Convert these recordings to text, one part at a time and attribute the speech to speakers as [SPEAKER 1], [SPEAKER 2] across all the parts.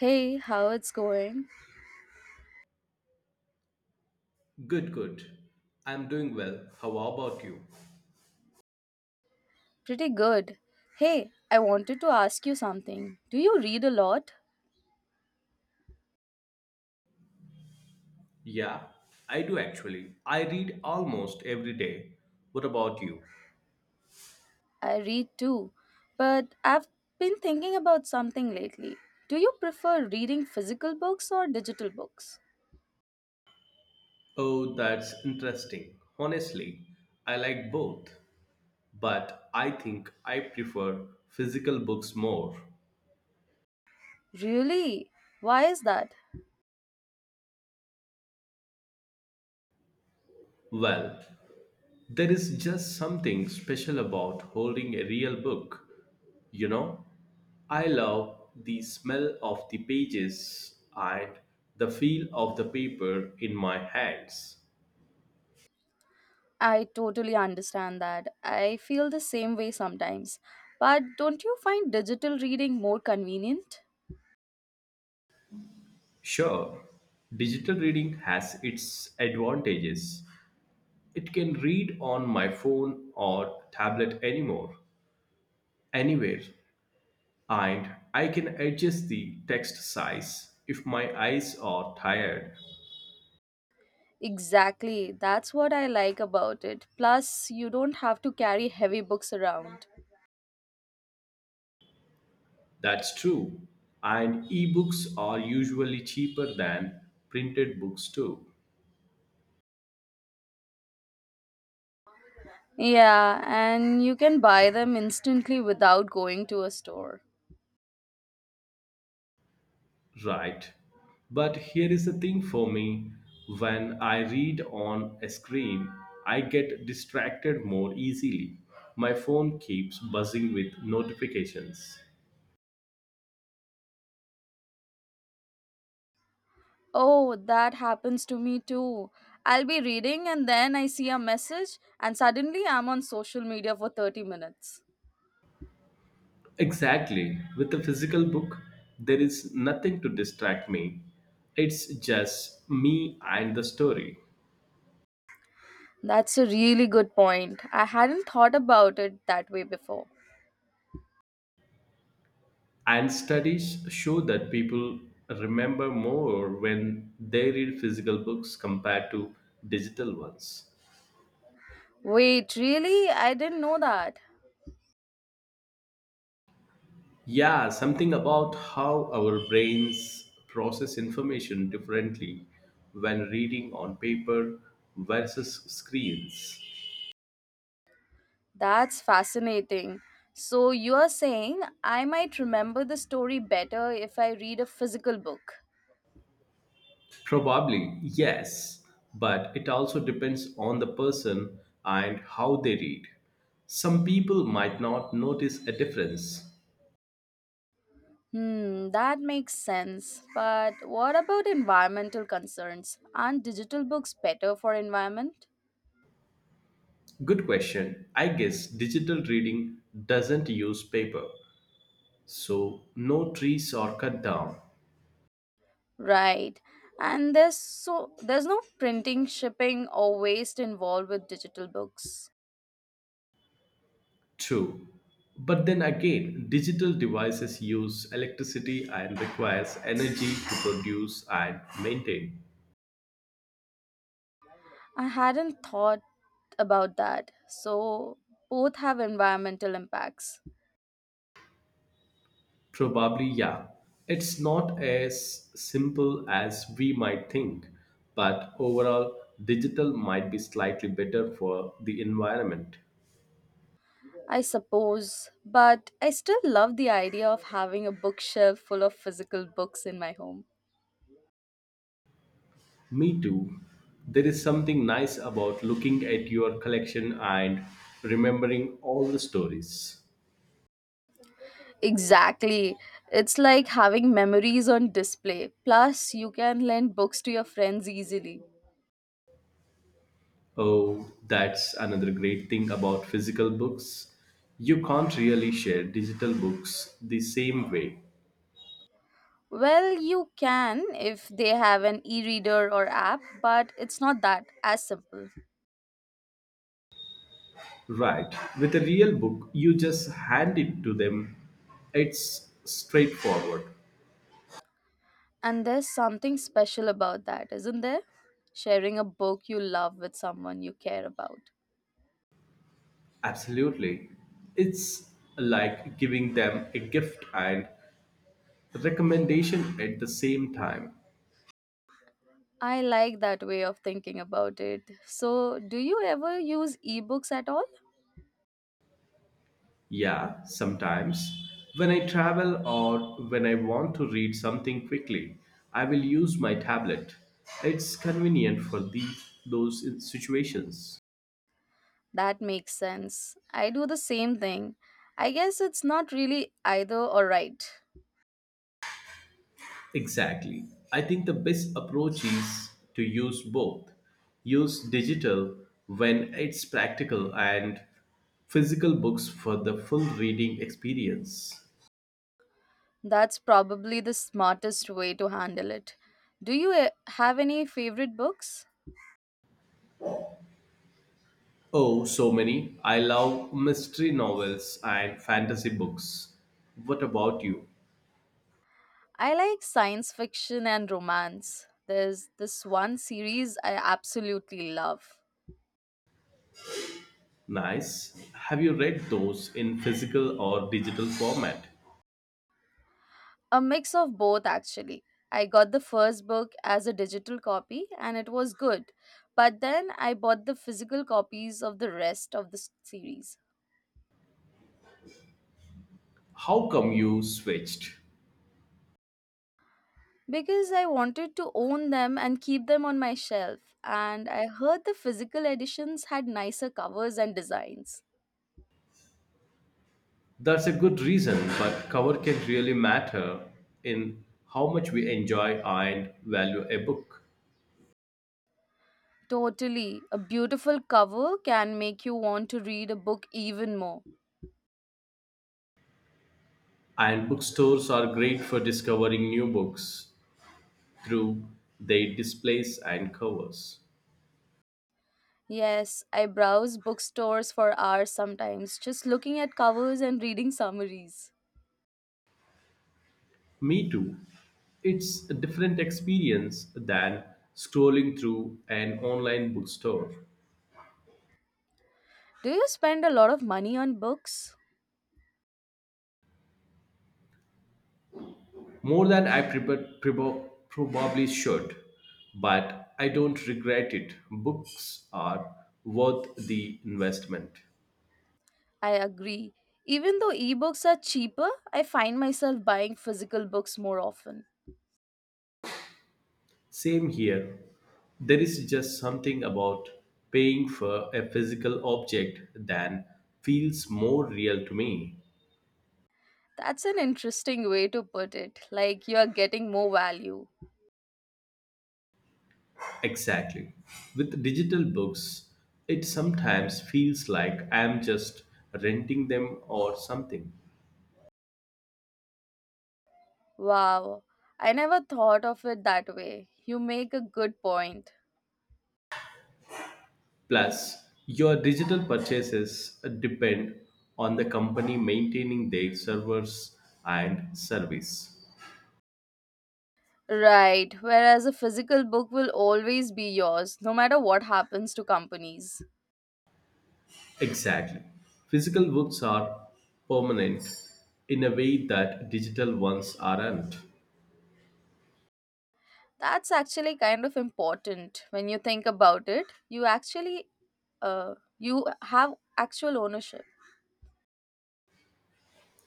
[SPEAKER 1] Hey, how it's going?
[SPEAKER 2] Good, good. I'm doing well. How about you?
[SPEAKER 1] Pretty good. Hey, I wanted to ask you something. Do you read a lot?
[SPEAKER 2] Yeah, I do actually. I read almost every day. What about you?
[SPEAKER 1] I read too, but I've been thinking about something lately. Do you prefer reading physical books or digital books?
[SPEAKER 2] Oh, that's interesting. Honestly, I like both, but I think I prefer physical books more.
[SPEAKER 1] Really? Why is that?
[SPEAKER 2] Well, there is just something special about holding a real book. You know, I love the smell of the pages and the feel of the paper in my hands.
[SPEAKER 1] I totally understand that. I feel the same way sometimes. But don't you find digital reading more convenient?
[SPEAKER 2] Sure, digital reading has its advantages. It can read on my phone or tablet anymore, anywhere, and I can adjust the text size if my eyes are tired.
[SPEAKER 1] Exactly. That's what I like about it. Plus, you don't have to carry heavy books around.
[SPEAKER 2] That's true. And ebooks are usually cheaper than printed books, too.
[SPEAKER 1] Yeah, and you can buy them instantly without going to a store.
[SPEAKER 2] Right. But here is the thing for me, when I read on a screen, I get distracted more easily. My phone keeps buzzing with notifications.
[SPEAKER 1] Oh, that happens to me too. I'll be reading and then I see a message, and suddenly I'm on social media for 30 minutes.
[SPEAKER 2] Exactly. With a physical book, there is nothing to distract me. It's just me and the story.
[SPEAKER 1] That's a really good point. I hadn't thought about it that way before.
[SPEAKER 2] And studies show that people remember more when they read physical books compared to digital ones.
[SPEAKER 1] Wait, really? I didn't know that.
[SPEAKER 2] Yeah, something about how our brains process information differently when reading on paper versus screens.
[SPEAKER 1] That's fascinating. So you're saying I might remember the story better if I read a physical book.
[SPEAKER 2] Probably, yes, but it also depends on the person and how they read. Some people might not notice a difference.
[SPEAKER 1] Hmm, that makes sense. But what about environmental concerns? Aren't digital books better for environment?
[SPEAKER 2] Good question. I guess digital reading doesn't use paper, so no trees are cut down.
[SPEAKER 1] Right. And there's no printing, shipping or waste involved with digital books.
[SPEAKER 2] True. But then again, digital devices use electricity and requires energy to produce and maintain.
[SPEAKER 1] I hadn't thought about that. So both have environmental impacts.
[SPEAKER 2] Probably, yeah. It's not as simple as we might think, but overall, digital might be slightly better for the environment.
[SPEAKER 1] I suppose, but I still love the idea of having a bookshelf full of physical books in my home.
[SPEAKER 2] Me too. There is something nice about looking at your collection and remembering all the stories.
[SPEAKER 1] Exactly. It's like having memories on display. Plus, you can lend books to your friends easily.
[SPEAKER 2] Oh, that's another great thing about physical books. You can't really share digital books the same way.
[SPEAKER 1] Well, you can if they have an e reader or app, but it's not that as simple.
[SPEAKER 2] Right. With a real book, you just hand it to them. It's straightforward.
[SPEAKER 1] And there's something special about that, isn't there? Sharing a book you love with someone you care about.
[SPEAKER 2] Absolutely. It's like giving them a gift and recommendation at the same time.
[SPEAKER 1] I like that way of thinking about it. So, do you ever use ebooks at all?
[SPEAKER 2] Yeah, sometimes. When I travel or when I want to read something quickly, I will use my tablet. It's convenient for those situations.
[SPEAKER 1] That makes sense. I do the same thing. I guess it's not really either or right.
[SPEAKER 2] Exactly. I think the best approach is to use both. Use digital when it's practical and physical books for the full reading experience.
[SPEAKER 1] That's probably the smartest way to handle it. Do you have any favorite books?
[SPEAKER 2] Oh, so many. I love mystery novels and fantasy books. What about you?
[SPEAKER 1] I like science fiction and romance. There's this one series I absolutely love.
[SPEAKER 2] Nice. Have you read those in physical or digital format?
[SPEAKER 1] A mix of both, actually. I got the first book as a digital copy and it was good. But then I bought the physical copies of the rest of the series
[SPEAKER 2] How come you switched?
[SPEAKER 1] because I wanted to own them and keep them on my shelf. And I heard the physical editions had nicer covers and designs.
[SPEAKER 2] That's a good reason, but cover can really matter in how much we enjoy and value a book.
[SPEAKER 1] Totally. A beautiful cover can make you want to read a book even more.
[SPEAKER 2] And bookstores are great for discovering new books through their displays and covers.
[SPEAKER 1] Yes, I browse bookstores for hours sometimes, just looking at covers and reading summaries.
[SPEAKER 2] Me too. It's a different experience than scrolling through an online bookstore.
[SPEAKER 1] Do you spend a lot of money on books?
[SPEAKER 2] More than I probably should, but I don't regret it. Books are worth the investment.
[SPEAKER 1] I agree. Even though ebooks are cheaper, I find myself buying physical books more often.
[SPEAKER 2] Same here. There is just something about paying for a physical object that feels more real to me.
[SPEAKER 1] That's an interesting way to put it, like you're getting more value.
[SPEAKER 2] Exactly. With digital books, it sometimes feels like I'm just renting them or something.
[SPEAKER 1] Wow, I never thought of it that way. You make a good point.
[SPEAKER 2] Plus, your digital purchases depend on the company maintaining their servers and service.
[SPEAKER 1] Right, whereas a physical book will always be yours, no matter what happens to companies.
[SPEAKER 2] Exactly. Physical books are permanent in a way that digital ones aren't.
[SPEAKER 1] That's actually kind of important when you think about it. You actually you have actual ownership.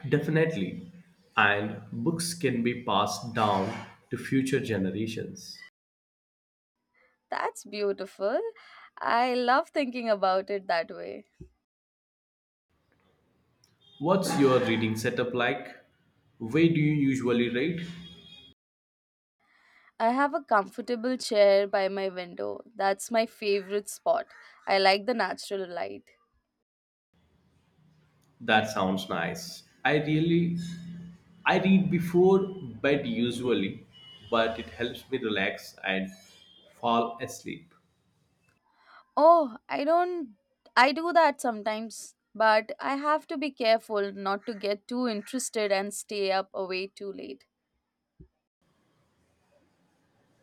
[SPEAKER 2] Definitely. And books can be passed down to future generations.
[SPEAKER 1] That's beautiful. I love thinking about it that way.
[SPEAKER 2] What's your reading setup like? Where do you usually read?
[SPEAKER 1] I have a comfortable chair by my window. That's my favorite spot. I like the natural light.
[SPEAKER 2] That sounds nice. I read before bed usually, but it helps me relax and fall asleep.
[SPEAKER 1] Oh, I don't I do that sometimes, but I have to be careful not to get too interested and stay up away too late.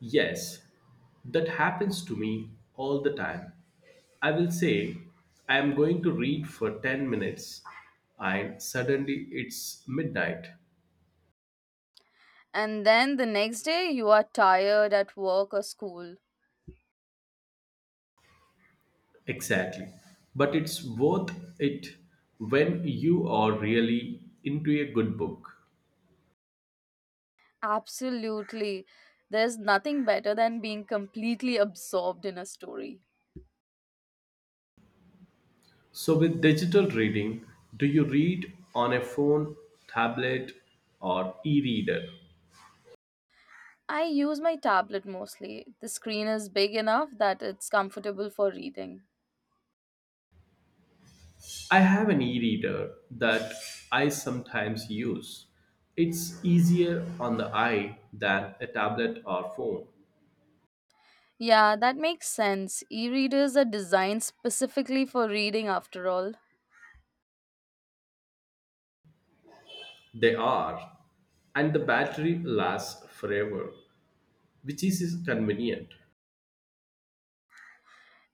[SPEAKER 2] Yes, that happens to me all the time. I will say I am going to read for 10 minutes and suddenly it's midnight.
[SPEAKER 1] And then the next day, you are tired at work or school.
[SPEAKER 2] Exactly. But it's worth it when you are really into a good book.
[SPEAKER 1] Absolutely. There's nothing better than being completely absorbed in a story.
[SPEAKER 2] So, with digital reading, do you read on a phone, tablet, or e reader?
[SPEAKER 1] I use my tablet mostly. The screen is big enough that it's comfortable for reading.
[SPEAKER 2] I have an e reader that I sometimes use. It's easier on the eye than a tablet or phone.
[SPEAKER 1] Yeah, that makes sense. E readers are designed specifically for reading, after all.
[SPEAKER 2] They are, and the battery lasts forever, which is convenient.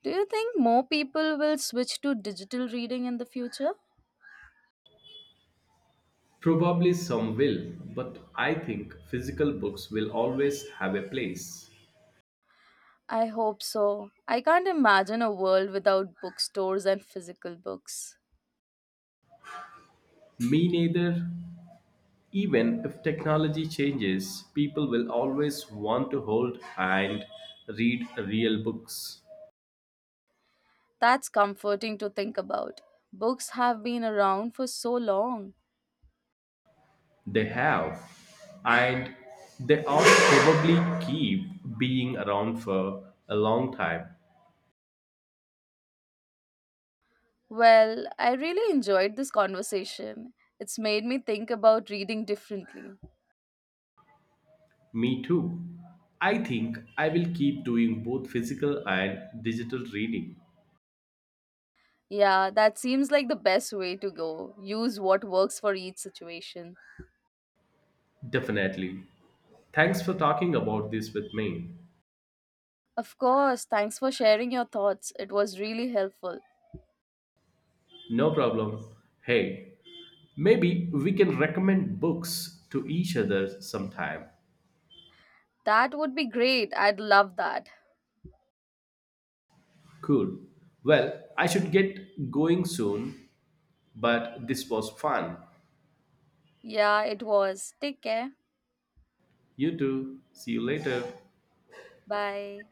[SPEAKER 1] Do you think more people will switch to digital reading in the future?
[SPEAKER 2] Probably some will, but I think physical books will always have a place.
[SPEAKER 1] I hope so. I can't imagine a world without bookstores and physical books.
[SPEAKER 2] Me neither. Even if technology changes, people will always want to hold and read real books.
[SPEAKER 1] That's comforting to think about. Books have been around for so long.
[SPEAKER 2] They have, and they all probably keep being around for a long time.
[SPEAKER 1] Well, I really enjoyed this conversation. It's made me think about reading differently.
[SPEAKER 2] Me too. I think I will keep doing both physical and digital reading.
[SPEAKER 1] Yeah, that seems like the best way to go. Use what works for each situation.
[SPEAKER 2] Definitely. Thanks for talking about this with me.
[SPEAKER 1] Of course, thanks for sharing your thoughts. It was really helpful.
[SPEAKER 2] No problem. Hey, maybe we can recommend books to each other sometime.
[SPEAKER 1] That would be great. I'd love that.
[SPEAKER 2] Cool. Well, I should get going soon, but this was fun.
[SPEAKER 1] Yeah, it was. Take care.
[SPEAKER 2] You too. See you later.
[SPEAKER 1] Bye.